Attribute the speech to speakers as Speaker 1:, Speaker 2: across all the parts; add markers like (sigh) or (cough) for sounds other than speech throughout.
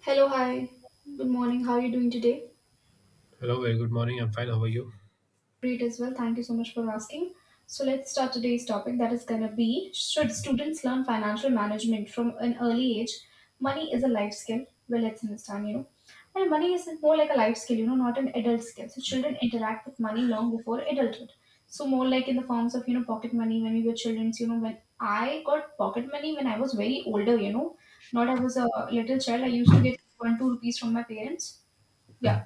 Speaker 1: Hello, hi. Good morning. How are you doing today?
Speaker 2: Hello, very good morning. I'm fine. How are you?
Speaker 1: Great as well. Thank you so much for asking. So let's start today's topic that is going to be, should students learn financial management from an early age? Money is a life skill. Well, let's understand, And money is more like a life skill, not an adult skill. So children interact with money long before adulthood. So more like in the forms of, pocket money when we were children, when I got pocket money when I was very older, not I was a little child. I used to get one, two rupees from my parents. Yeah.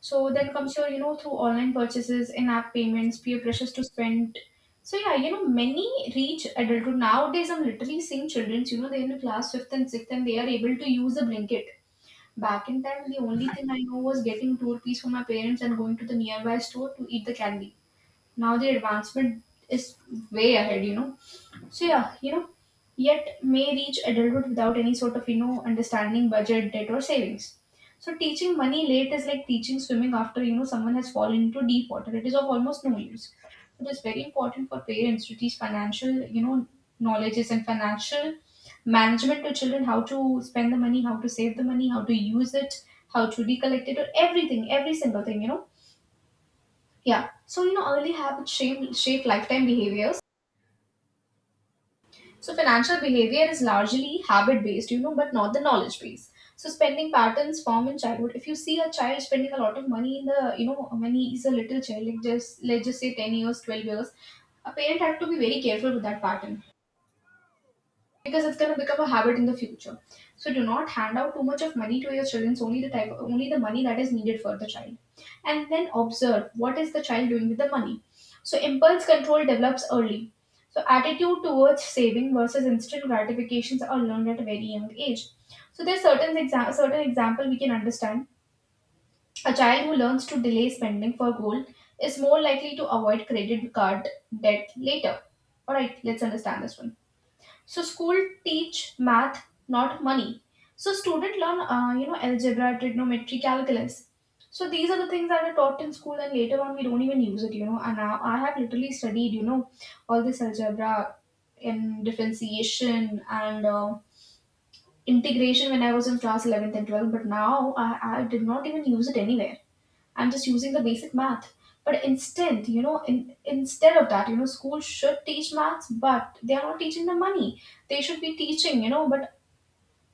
Speaker 1: So then comes your, through online purchases, in-app payments, peer pressures to spend. So yeah, many reach adulthood. Nowadays, I'm literally seeing children, they're in the class fifth and sixth and they are able to use a blanket. Back in time, the only thing I know was getting two rupees from my parents and going to the nearby store to eat the candy. Now the advancement is way ahead. So yeah, yet may reach adulthood without any sort of, understanding budget, debt or savings. So teaching money late is like teaching swimming after, someone has fallen into deep water. It is of almost no use. It is very important for parents to teach financial, knowledges and financial management to children: how to spend the money, how to save the money, how to use it, how to recollect it, or everything, every single thing. Yeah. So, early habits shape lifetime behaviors. So financial behavior is largely habit based, but not the knowledge base. So spending patterns form in childhood. If you see a child spending a lot of money in the, when he is a little child, like just let's just say 10 years, 12 years, a parent had to be very careful with that pattern, because it's going to become a habit in the future. So do not hand out too much of money to your children. Only the type, only the money that is needed for the child, and then observe what is the child doing with the money. So impulse control develops early. So attitude towards saving versus instant gratifications are learned at a very young age. So there's certain example we can understand. A child who learns to delay spending for goal is more likely to avoid credit card debt later. All right, let's understand this one. So school teach math, not money. So student learn algebra, trigonometry, calculus. So these are the things that are taught in school and later on we don't even use it, and now I have literally studied, all this algebra in differentiation and integration when I was in class 11th and 12th, but now I did not even use it anywhere. I'm just using the basic math. But instead, instead of that, school should teach maths, but they are not teaching the money. They should be teaching, you know, but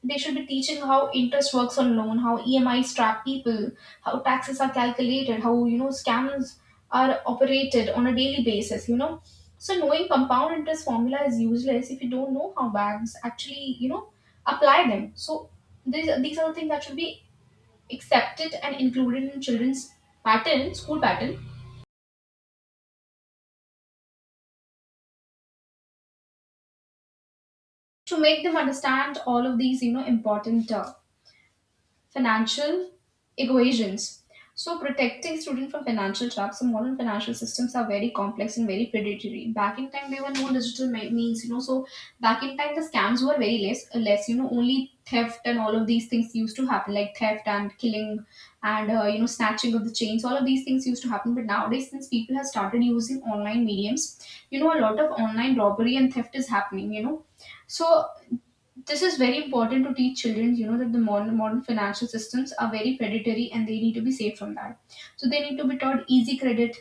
Speaker 1: they should be teaching how interest works on loan, how EMIs trap people, how taxes are calculated, how, scams are operated on a daily basis, So knowing compound interest formula is useless if you don't know how banks actually, apply them. So these are the things that should be accepted and included in children's pattern, school pattern, to make them understand all of these, important financial equations. So, protecting students from financial traps, the modern financial systems are very complex and very predatory. Back in time, there were no means, So, back in time, the scams were very less, less, only theft and all of these things used to happen, like theft and killing and, snatching of the chains. All of these things used to happen. But nowadays, since people have started using online mediums, a lot of online robbery and theft is happening, So this is very important to teach children, that the modern financial systems are very predatory and they need to be saved from that. So they need to be taught easy credit,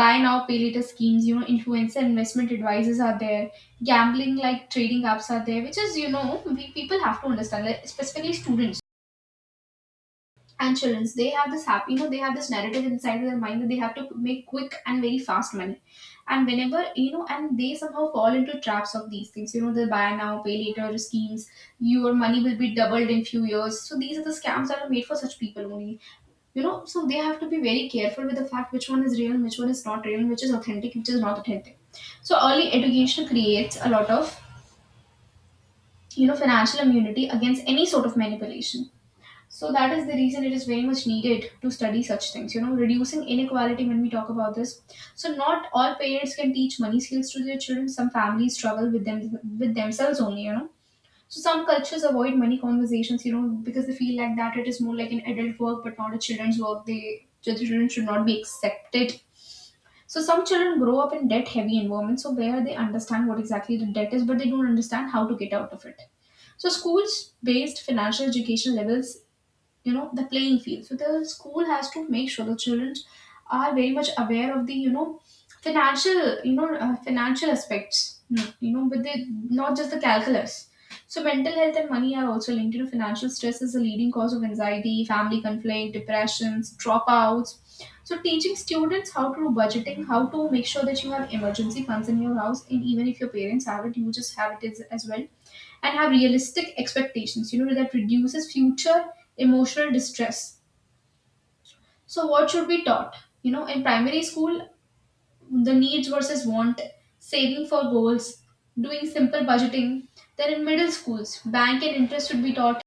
Speaker 1: buy now pay later schemes, influencer investment advisors are there, gambling like trading apps are there, which is, we people have to understand, like, specifically students and children, they have this happy, they have this narrative inside their mind that they have to make quick and very fast money, and whenever, and they somehow fall into traps of these things, the buy now pay later schemes, your money will be doubled in few years. So these are the scams that are made for such people only, so they have to be very careful with the fact which one is real and which one is not real, which is authentic, which is not authentic. So early education creates a lot of, financial immunity against any sort of manipulation. So that is the reason it is very much needed to study such things. You know, reducing inequality when we talk about this. So not all parents can teach money skills to their children. Some families struggle with them, with themselves only. You know, so some cultures avoid money conversations. You know, because they feel like that it is more like an adult work, but not a children's work. They the children should not be accepted. So some children grow up in debt heavy environments. So where they understand what exactly the debt is, but they don't understand how to get out of it. So schools based financial education levels, the playing field. So the school has to make sure the children are very much aware of the, financial, financial aspects, but they, not just the calculus. So mental health and money are also linked, financial stress is a leading cause of anxiety, family conflict, depressions, dropouts. So teaching students how to do budgeting, how to make sure that you have emergency funds in your house, and even if your parents have it, you just have it as well, and have realistic expectations. You know that reduces future emotional distress. So what should be taught? You know, in primary school, the needs versus want, saving for goals, doing simple budgeting. Then in middle schools, bank and interest should be taught,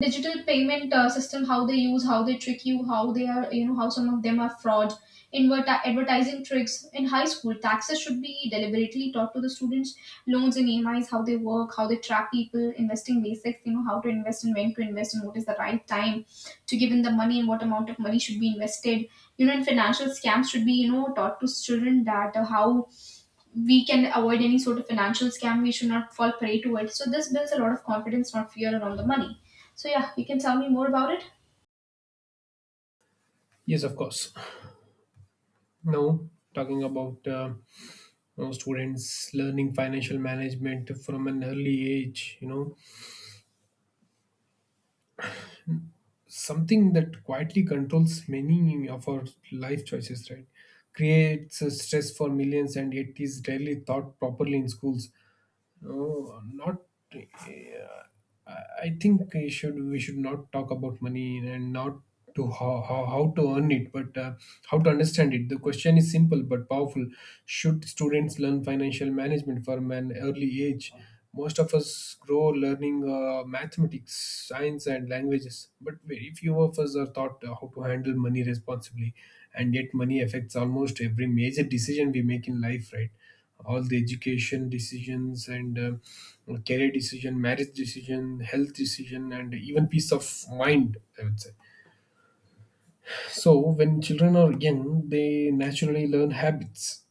Speaker 1: digital payment system, how they use, how they trick you, how they are, how some of them are fraud, invert advertising tricks. In high school, taxes should be deliberately taught to the students, loans and EMIs, how they work, how they track people, investing basics, how to invest and when to invest and what is the right time to give in the money and what amount of money should be invested, and financial scams should be, taught to children that how we can avoid any sort of financial scam. We should not fall prey to it. So this builds a lot of confidence, not fear around the money. So yeah, you can tell me more about it.
Speaker 2: Yes, of course. Now, talking about you know, students learning financial management from an early age, you know, something that quietly controls many of our life choices, right? Creates a stress for millions and yet is rarely taught properly in schools. No, not. Uh, I I think we should not talk about money and not to how to earn it, but how to understand it. The question is simple but powerful. Should students learn financial management from an early age? Most of us grow learning mathematics, science, and languages, but very few of us are taught how to handle money responsibly. And yet, money affects almost every major decision we make in life, right? All the education decisions and career decision, marriage decision, health decision, and even peace of mind, I would say. So when children are young, they naturally learn habits.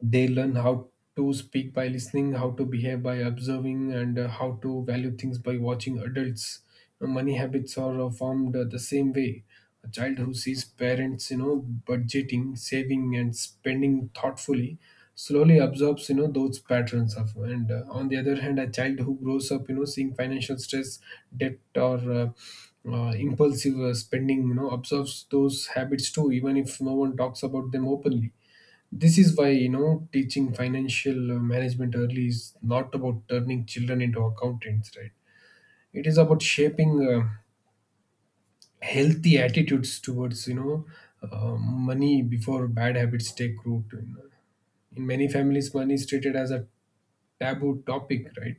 Speaker 2: They learn how to speak by listening, how to behave by observing, and how to value things by watching adults. You know, money habits are formed the same way. A child who sees parents, you know, budgeting, saving, and spending thoughtfully slowly absorbs, you know, those patterns. Of and On the other hand, a child who grows up, you know, seeing financial stress, debt, or impulsive spending, you know, absorbs those habits too, even if no one talks about them openly. This is why, you know, teaching financial management early is not about turning children into accountants, right? It is about shaping healthy attitudes towards, you know, money before bad habits take root. You know. In many families, money is treated as a taboo topic, right?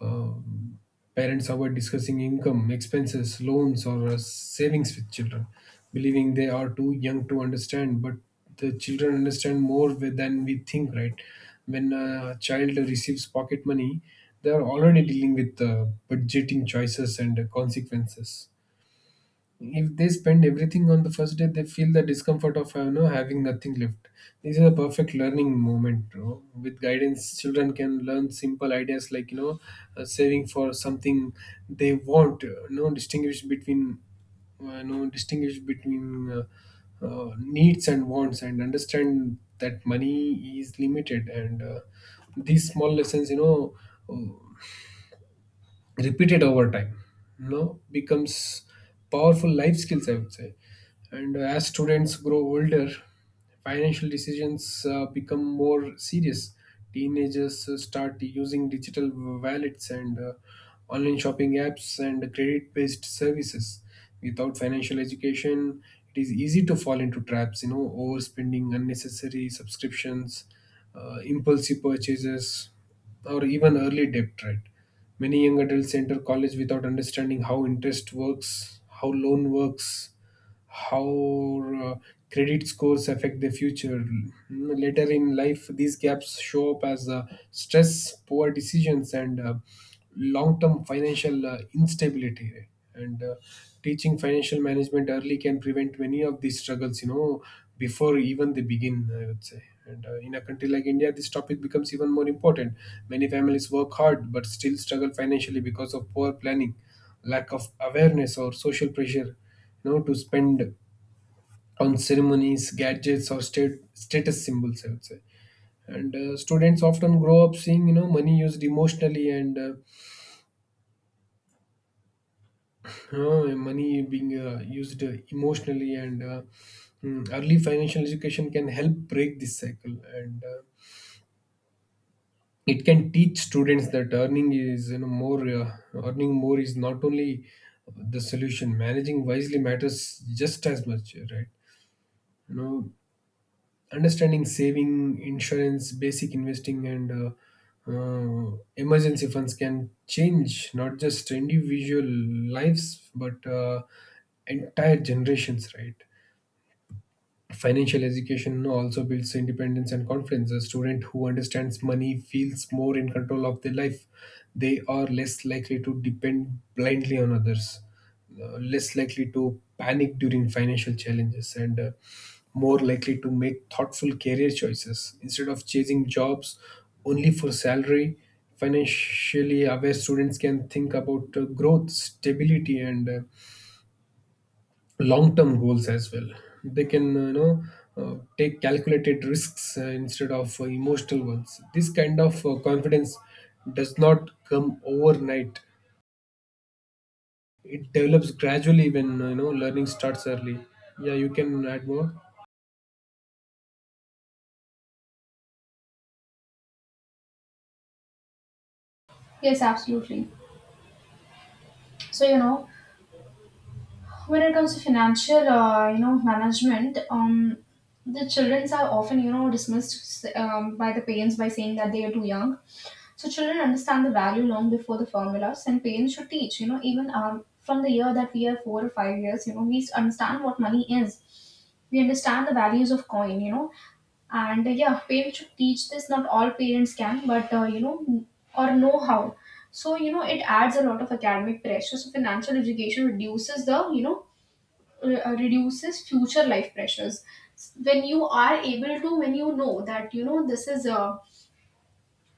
Speaker 2: uh, Parents avoid discussing income, expenses, loans, or savings with children, believing they are too young to understand. But the children understand more with- than we think, right? When a child receives pocket money, they are already dealing with budgeting choices and consequences. If they spend everything on the first day, they feel the discomfort of, you know, having nothing left. This is a perfect learning moment. Bro. With guidance, children can learn simple ideas like, you know, saving for something they want. You know, distinguish between needs and wants, and understand that money is limited. And these small lessons, you know, repeated over time, you know, becomes powerful life skills, I would say. And as students grow older, financial decisions become more serious. Teenagers start using digital wallets and, online shopping apps and credit based services. Without financial education, it is easy to fall into traps, you know, overspending, unnecessary subscriptions, impulsive purchases, or even early debt, right? Many young adults enter college without understanding how interest works, how loan works, how credit scores affect their future. Later in life, these gaps show up as stress, poor decisions, and long term financial instability, right? And teaching financial management early can prevent many of these struggles, you know, before even they begin, I would say. And in a country like India, this topic becomes even more important. Many families work hard but still struggle financially because of poor planning, lack of awareness, or social pressure, you know, to spend on ceremonies, gadgets, or status symbols, I would say. And students often grow up seeing, you know, money used emotionally, and money being used emotionally and mm, early financial education can help break this cycle. And it can teach students that earning is you know more earning more is not only the solution. Managing wisely matters just as much, right? You know, understanding saving, insurance, basic investing, and emergency funds can change not just individual lives but entire generations, right? Financial education also builds independence and confidence. A student who understands money feels more in control of their life. They are less likely to depend blindly on others, less likely to panic during financial challenges, and more likely to make thoughtful career choices. Instead of chasing jobs only for salary, financially aware students can think about growth, stability, and long-term goals as well. They can, take calculated risks instead of emotional ones. This kind of confidence does not come overnight. It develops gradually when, you know, learning starts early. Yeah, you can add more.
Speaker 1: Yes, absolutely. So, when it comes to financial management, the children are often dismissed, by the parents by saying that they are too young. So children understand the value long before the formulas, and parents should teach, you know even from the year that we are 4 or 5 years. We understand what money is. We understand the values of coin. And yeah, parents should teach this. Not all parents can, but or know how. So it adds a lot of academic pressure. So financial education reduces the you know re- reduces future life pressures. When you are able to when you know that this is, uh,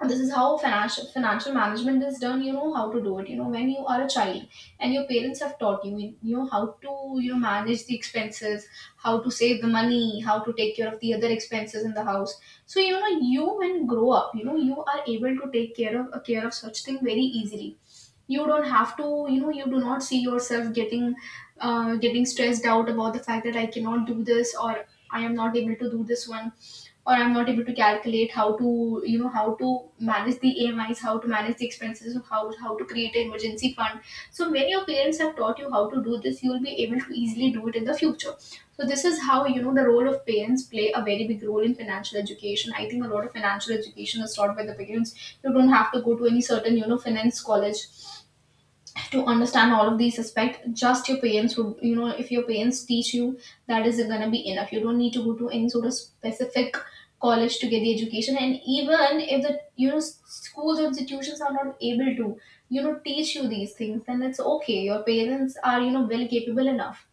Speaker 1: this is how financial management is done. You know how to do it when you are a child and your parents have taught you. You know how to manage the expenses, how to save the money, how to take care of the other expenses in the house. So you, when grow up, you are able to take care of such thing very easily. You don't have to, you do not see yourself getting stressed out about the fact that I cannot do this, or I am not able to do this one, or I'm not able to calculate how to, how to manage the amis, how to manage the expenses of how to create an emergency fund. So when your parents have taught you how to do this, you will be able to easily do it in the future. So this is how, the role of parents play a very big role in financial education. I think a lot of financial education is taught by the parents. You don't have to go to any certain finance college to understand all of these aspects. Just your parents would, if your parents teach you, that is gonna be enough. You don't need to go to any sort of specific college to get the education. And even if the schools or institutions are not able to teach you these things, then it's okay. Your parents are, well capable enough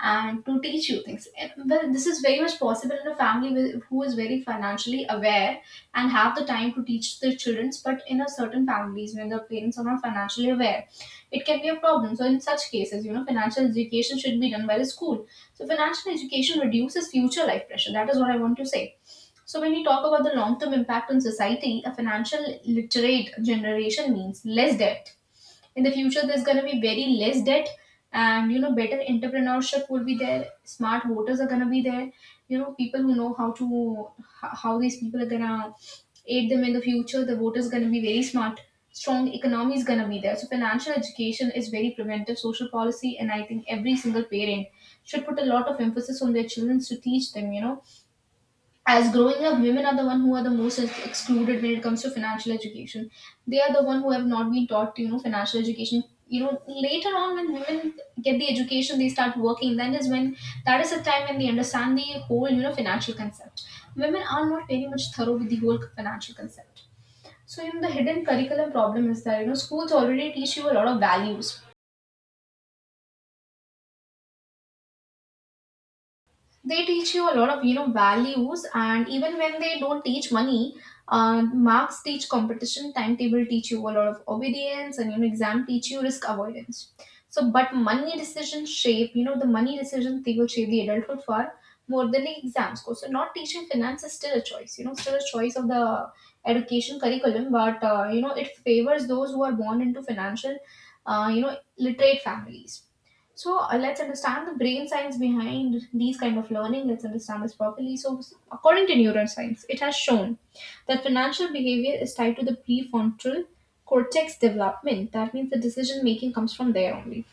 Speaker 1: and to teach you things. And, well, this is very much possible in a family who is very financially aware and have the time to teach their children. But in a certain families, when the parents are not financially aware, it can be a problem. So in such cases, financial education should be done by the school. So financial education reduces future life pressure. That is what I want to say. So when we talk about the long-term impact on society, a financial literate generation means less debt. In the future, there's going to be very less debt, and better entrepreneurship will be there. Smart voters are going to be there. People who know how to how these people are going to aid them in the future, the voters going to be very smart. Strong economy is going to be there. So financial education is very preventive social policy, and I think every single parent should put a lot of emphasis on their children to teach them, as growing up. Women are the one who are the most excluded when it comes to financial education. They are the one who have not been taught, financial education. Later on, when women get the education, they start working, then is when that is the time when they understand the whole, financial concept. Women are not very much thorough with the whole financial concept. So the hidden curriculum problem is that, schools already teach you a lot of values. They teach you a lot of, values. And even when they don't teach money, marks teach competition, timetable teach you a lot of obedience, and exam teach you risk avoidance. So but money decisions shape you know the money decisions, they will shape the adulthood far more than the exams go. So not teaching finance is still a choice, still a choice of the education curriculum. But it favors those who are born into financial, literate families. So, let's understand the brain science behind these kind of learning. Let's understand this properly. So according to neuroscience, it has shown that financial behavior is tied to the prefrontal cortex development. That means the decision making comes from there only.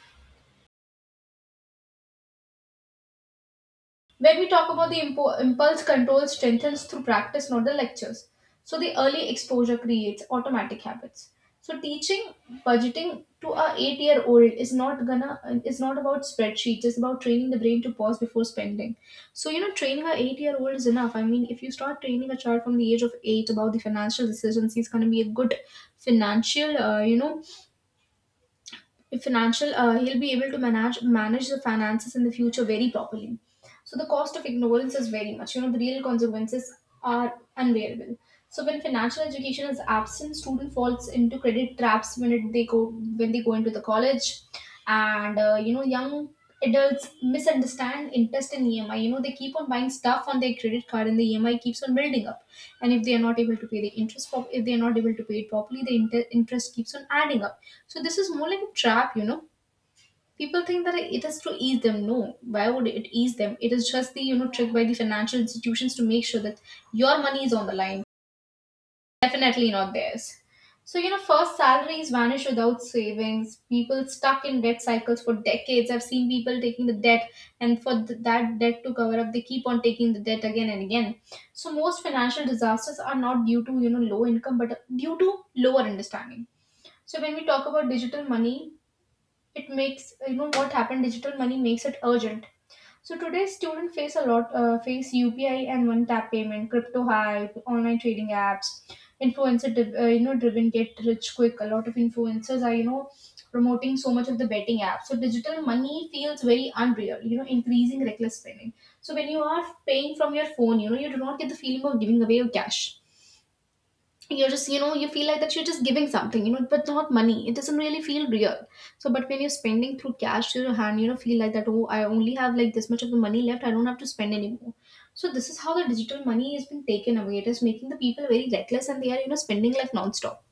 Speaker 1: When we talk about the impulse control strengthens through practice, not the lectures. So the early exposure creates automatic habits. So teaching budgeting to a 8-year-old is not gonna is not about spreadsheets. It's about training the brain to pause before spending. So, training a 8-year-old is enough. I mean, if you start training a child from the age of 8 about the financial decisions, he's gonna be a good financial, uh, you know, financial. He'll be able to manage the finances in the future very properly. So the cost of ignorance is very much. The real consequences are unbearable. So when financial education is absent, student falls into credit traps when they go into the college, and young adults misunderstand interest in EMI. They keep on buying stuff on their credit card, and the EMI keeps on building up. And if they are not able to pay the interest, if they are not able to pay it properly, the interest keeps on adding up. So this is more like a trap. People think that it is to ease them. No, why would it ease them? It is just the, trick by the financial institutions to make sure that your money is on the line. Definitely not theirs. So, first salaries vanish without savings. People stuck in debt cycles for decades. I've seen people taking the debt, and for that debt to cover up, they keep on taking the debt again and again. So most financial disasters are not due to, low income, but due to lower understanding. So when we talk about digital money, it makes you know what happened digital money makes it urgent. So today, students face a lot face UPI and one tap payment, crypto hype, online trading apps, influencer, driven get rich quick. A lot of influencers are, promoting so much of the betting app. So digital money feels very unreal, increasing reckless spending. So when you are paying from your phone, you do not get the feeling of giving away your cash. You feel like that you're just giving something, but not money. It doesn't really feel real. So but when you're spending through cash to your hand, feel like that, oh, I only have like this much of the money left. I don't have to spend anymore. So this is how the digital money has been taken away. It is making the people very reckless, and they are, spending like non-stop.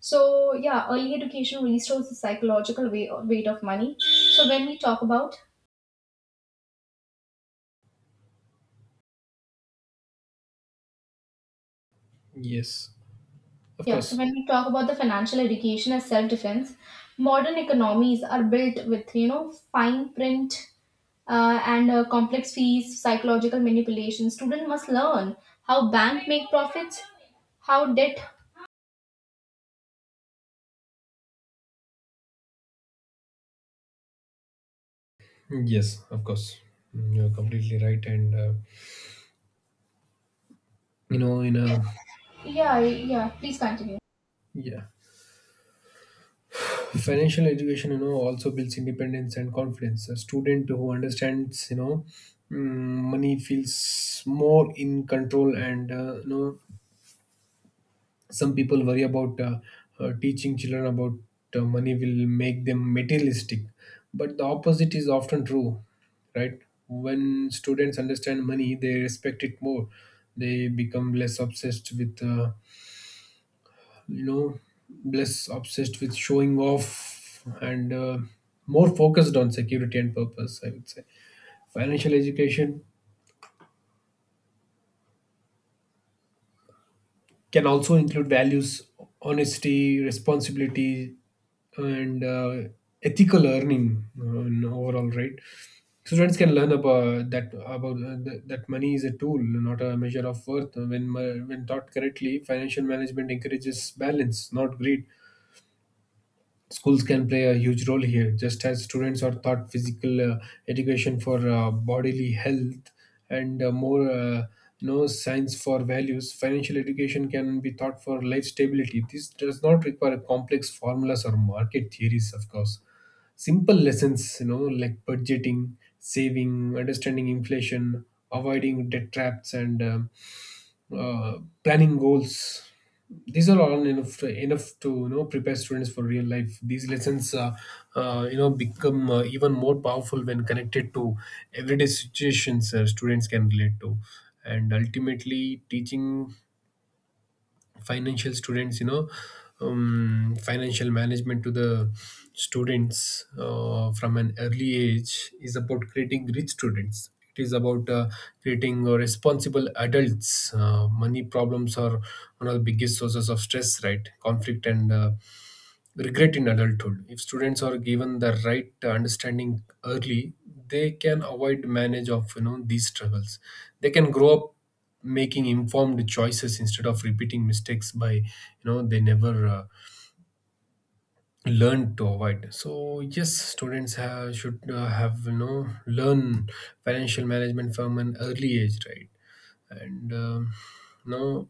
Speaker 1: So yeah, early education restores the psychological weight of money. so when we talk about
Speaker 2: Yes, of
Speaker 1: Yeah, so
Speaker 2: course.
Speaker 1: when we talk about the financial education as self-defense, modern economies are built with, fine print, and complex fees, psychological manipulation. Student must learn how bank make profits, how debt.
Speaker 2: Yes, of course. You're completely right, and you know, in a
Speaker 1: Yeah, yeah. Please continue.
Speaker 2: yeah, financial education, you know, also builds independence and confidence. A student who understands, you know, money feels more in control. And you know, some people worry about teaching children about money will make them materialistic, but the opposite is often true, right? When students understand money, they respect it more. They become less obsessed with, you know, less obsessed with showing off, and more focused on security and purpose, I would say. Financial education can also include values: honesty, responsibility, and ethical earning in overall, right? Students can learn about that, about that money is a tool, not a measure of worth. When when taught correctly, financial management encourages balance, not greed. Schools can play a huge role here. Just as students are taught physical education for bodily health and more you know, science for values, financial education can be taught for life stability. This does not require complex formulas or market theories, of course. Simple lessons, you know, like budgeting, saving, understanding inflation, avoiding debt traps, and uh, planning goals, these are all enough to, you know, prepare students for real life. These lessons you know, become even more powerful when connected to everyday situations students can relate to. And ultimately, teaching financial students you know financial management to the students from an early age is about creating rich students. It is about creating responsible adults. Money problems are one of the biggest sources of stress, right, conflict, and regret in adulthood. If students are given the right understanding early, they can avoid manage of, you know, these struggles. They can grow up making informed choices instead of repeating mistakes by, you know, they never learned to avoid. So yes, should have, you know, learn financial management from an early age, right? And no,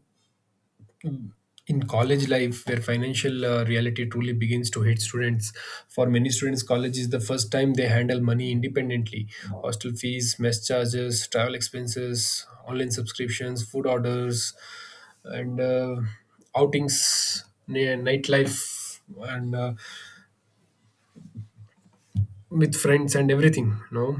Speaker 2: in college life where financial reality truly begins to hit students. For many students, college is the first time they handle money independently: hostel fees, mess charges, travel expenses, online subscriptions, food orders, and outings, nightlife, and with friends and everything. No.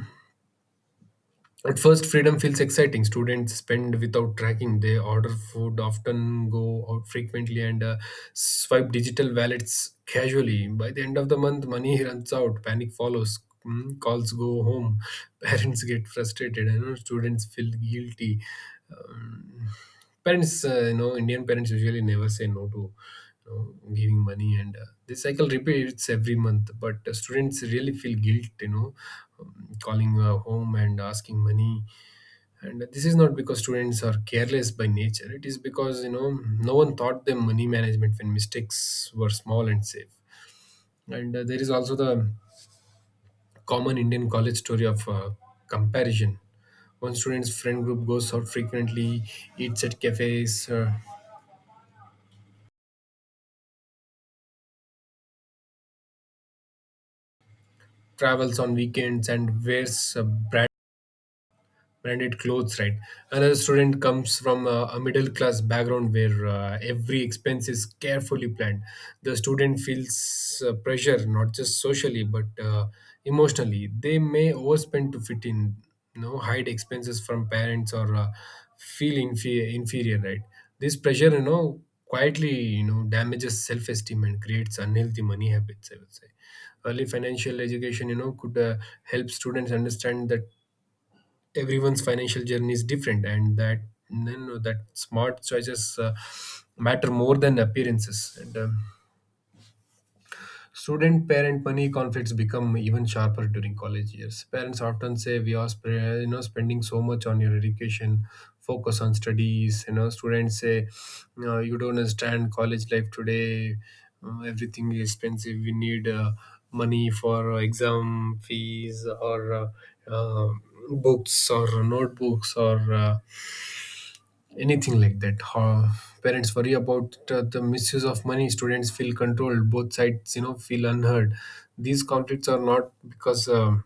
Speaker 2: At first, freedom feels exciting. Students spend without tracking. They order food, often go out frequently, and swipe digital wallets casually. By the end of the month, money (laughs) runs out. Panic follows. Calls go home. (laughs) Parents get frustrated. You know, students feel guilty. Um, Parents you know, Indian parents usually never say no to, you know, giving money. And this cycle repeats every month. But students really feel guilt, you know, um, calling home and asking money. And this is not because students are careless by nature. It is because, you know, no one taught them money management when mistakes were small and safe. And there is also the common Indian college story of comparison. One student's friend group goes out frequently, eats at cafes, travels on weekends and wears a branded clothes, right? Another student comes from a middle class background where every expense is carefully planned. The student feels pressure not just socially but emotionally. They may overspend to fit in, you know, hide expenses from parents, or feel inferior, right? This pressure, you know, quietly, you know, damages self-esteem and creates unhealthy money habits, I would say. Early financial education, you know, could help students understand that everyone's financial journey is different, and that, you know, that smart choices matter more than appearances. And student parent money conflicts become even sharper during college years. Parents often say, we are you know, spending so much on your education, focus on studies. You know, students say, no, you don't understand college life today. Everything is expensive. We need money for exam fees, or uh, books, or notebooks, or anything like that. How parents worry about the misuse of money. Students feel controlled. Both sides, you know, feel unheard. These conflicts are not because.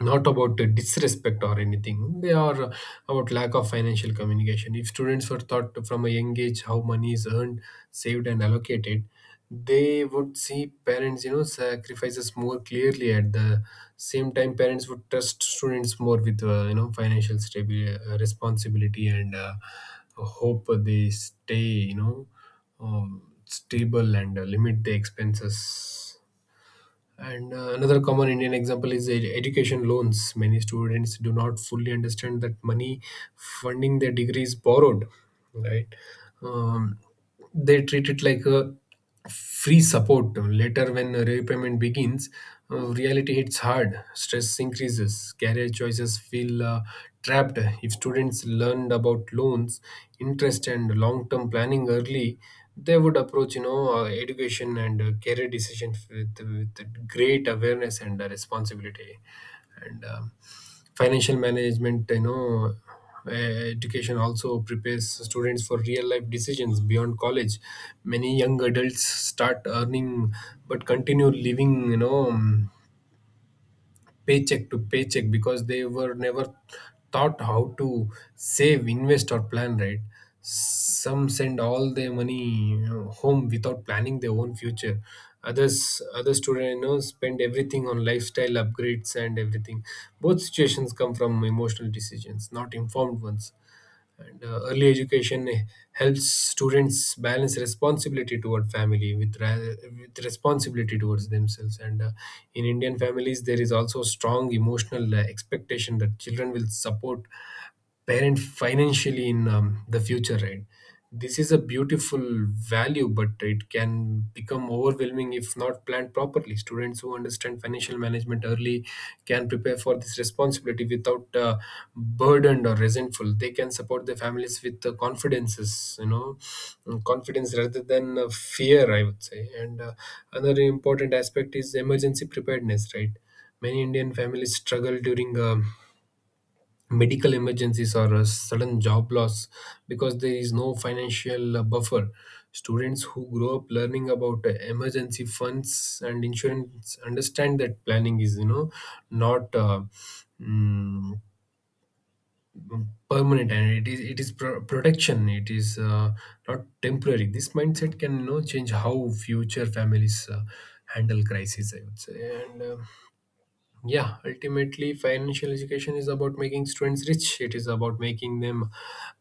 Speaker 2: Not about disrespect or anything. They are about lack of financial communication. If students were taught from a young age how money is earned, saved and allocated, they would see parents', you know, sacrifices more clearly. At the same time, parents would trust students more with you know, financial responsibility, and hope they stay, you know, stable and limit the expenses. And another common Indian example is education loans. Many students do not fully understand that money funding their degrees borrowed, right? Um, they treat it like a free support. Later, when repayment begins, reality hits hard. Stress increases. Career choices feel trapped. If students learned about loans, interest, and long-term planning early, they would approach, you know, education and career decisions with great awareness and responsibility. And financial management, education also prepares students for real life decisions beyond college. Many young adults start earning, but continue living, paycheck to paycheck, because they were never taught how to save, invest, or plan right. Some send all their money, you know, home without planning their own future. Others, other students, you know, spend everything on lifestyle upgrades and everything. Both situations come from emotional decisions, not informed ones. And early education helps students balance responsibility toward family with, with responsibility towards themselves. And in Indian families, there is also strong emotional expectation that children will support parent financially in the future, right? This is a beautiful value, but it can become overwhelming if not planned properly. Students who understand financial management early can prepare for this responsibility without burdened or resentful. They can support their families with confidences, you know, confidence rather than fear, I would say. And another important aspect is emergency preparedness, right? Many Indian families struggle during medical emergencies or a sudden job loss, because there is no financial buffer. Students who grow up learning about emergency funds and insurance understand that planning is, you know, not mm, permanent, and it is protection. It is not temporary. This mindset can, you know, change how future families handle crises, I would say. And yeah, ultimately financial education is about making students rich. It is about making them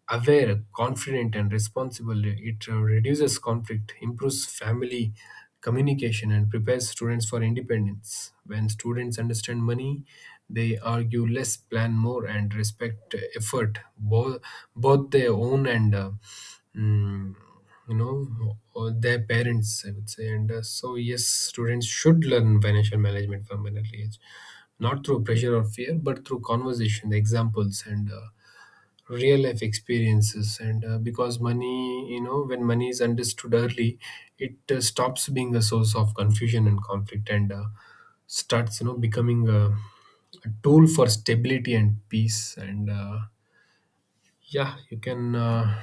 Speaker 2: aware, confident and responsible. It reduces conflict, improves family communication and prepares students for independence. When students understand money, they argue less, plan more and respect effort, both their own and mm, you know, or their parents, I would say. And so yes, students should learn financial management from an early age, not through pressure or fear, but through conversation, examples, and real life experiences. And because money, you know, when money is understood early, it stops being a source of confusion and conflict, and starts, you know, becoming a tool for stability and peace. And yeah, you can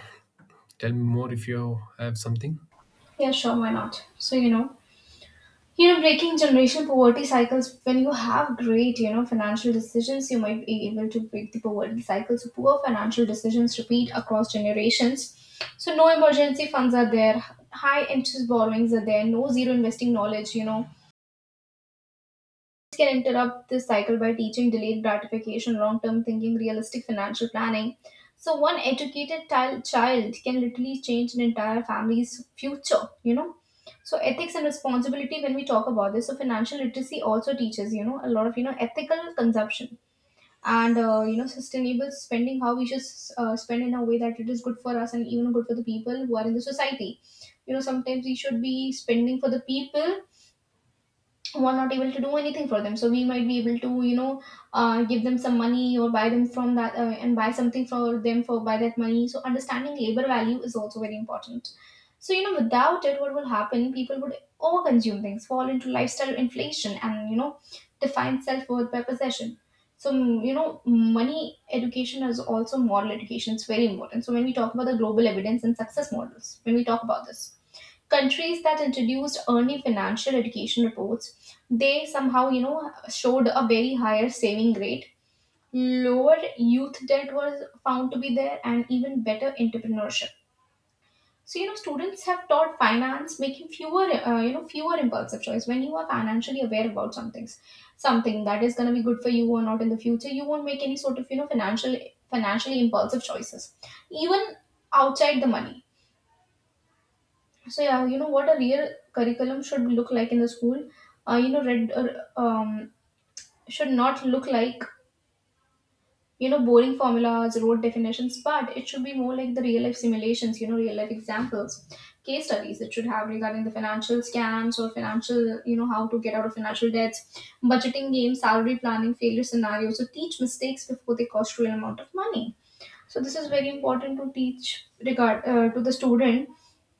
Speaker 2: tell me more if you have something.
Speaker 1: Yeah, sure. Why not? Breaking generational poverty cycles, when you have great, financial decisions, you might be able to break the poverty cycle. So poor financial decisions repeat across generations. So no emergency funds are there, high interest borrowings are there, no zero investing knowledge, can interrupt this cycle by teaching delayed gratification, long term thinking, realistic financial planning. So, one educated child can literally change an entire family's future. So, ethics and responsibility, when we talk about this, so financial literacy also teaches, a lot of, ethical consumption and, sustainable spending, how we should spend in a way that it is good for us and even good for the people who are in the society. Sometimes we should be spending for the people who are not able to do anything for them. So we might be able to give them some money or buy them from that, and buy something for them for by that money. So understanding labor value is also very important. So without it, what will happen, people would overconsume things, fall into lifestyle inflation, and define self-worth by possession. So money education is also moral education. It's very important. So when we talk about the global evidence and success models, when we talk about this, countries that introduced early financial education reports, they somehow, showed a very higher saving rate, lower youth debt was found to be there, and even better entrepreneurship. So students have taught finance making fewer impulsive choice. When you are financially aware about some things, something that is going to be good for you or not in the future, you won't make any sort of, financially impulsive choices, even outside the money. So yeah, you know what a real curriculum should look like in the school, you know read or um, should not look like, boring formulas, rote definitions, but it should be more like the real life simulations, real life examples, case studies. It should have regarding the financial scams or financial, how to get out of financial debts, budgeting games, salary planning, failure scenarios. So teach mistakes before they cost real amount of money. So this is very important to teach, regard to the student.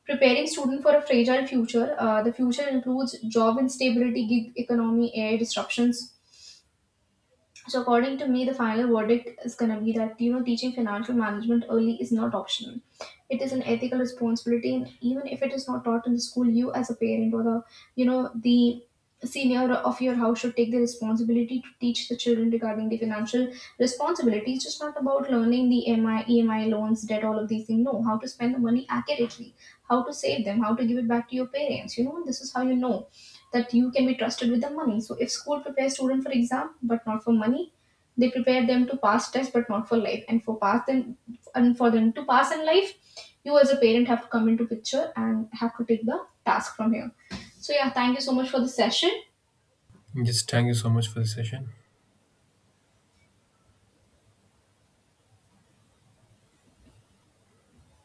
Speaker 1: Preparing student for a fragile future. The future includes job instability, gig economy, air disruptions. So according to me, the final verdict is going to be that, teaching financial management early is not optional. It is an ethical responsibility. And even if it is not taught in the school, you as a parent or the, the senior of your house should take the responsibility to teach the children regarding the financial responsibility. It's just not about learning the MI, EMI loans, debt, all of these things. No, how to spend the money accurately, how to save them, how to give it back to your parents. This is how you know that you can be trusted with the money. So if school prepares students for exam but not for money, they prepare them to pass tests but not for life. And for them to pass in life, you as a parent have to come into picture and have to take the task from here. So yeah, thank you so much for the session.
Speaker 2: Just thank you so much for the session.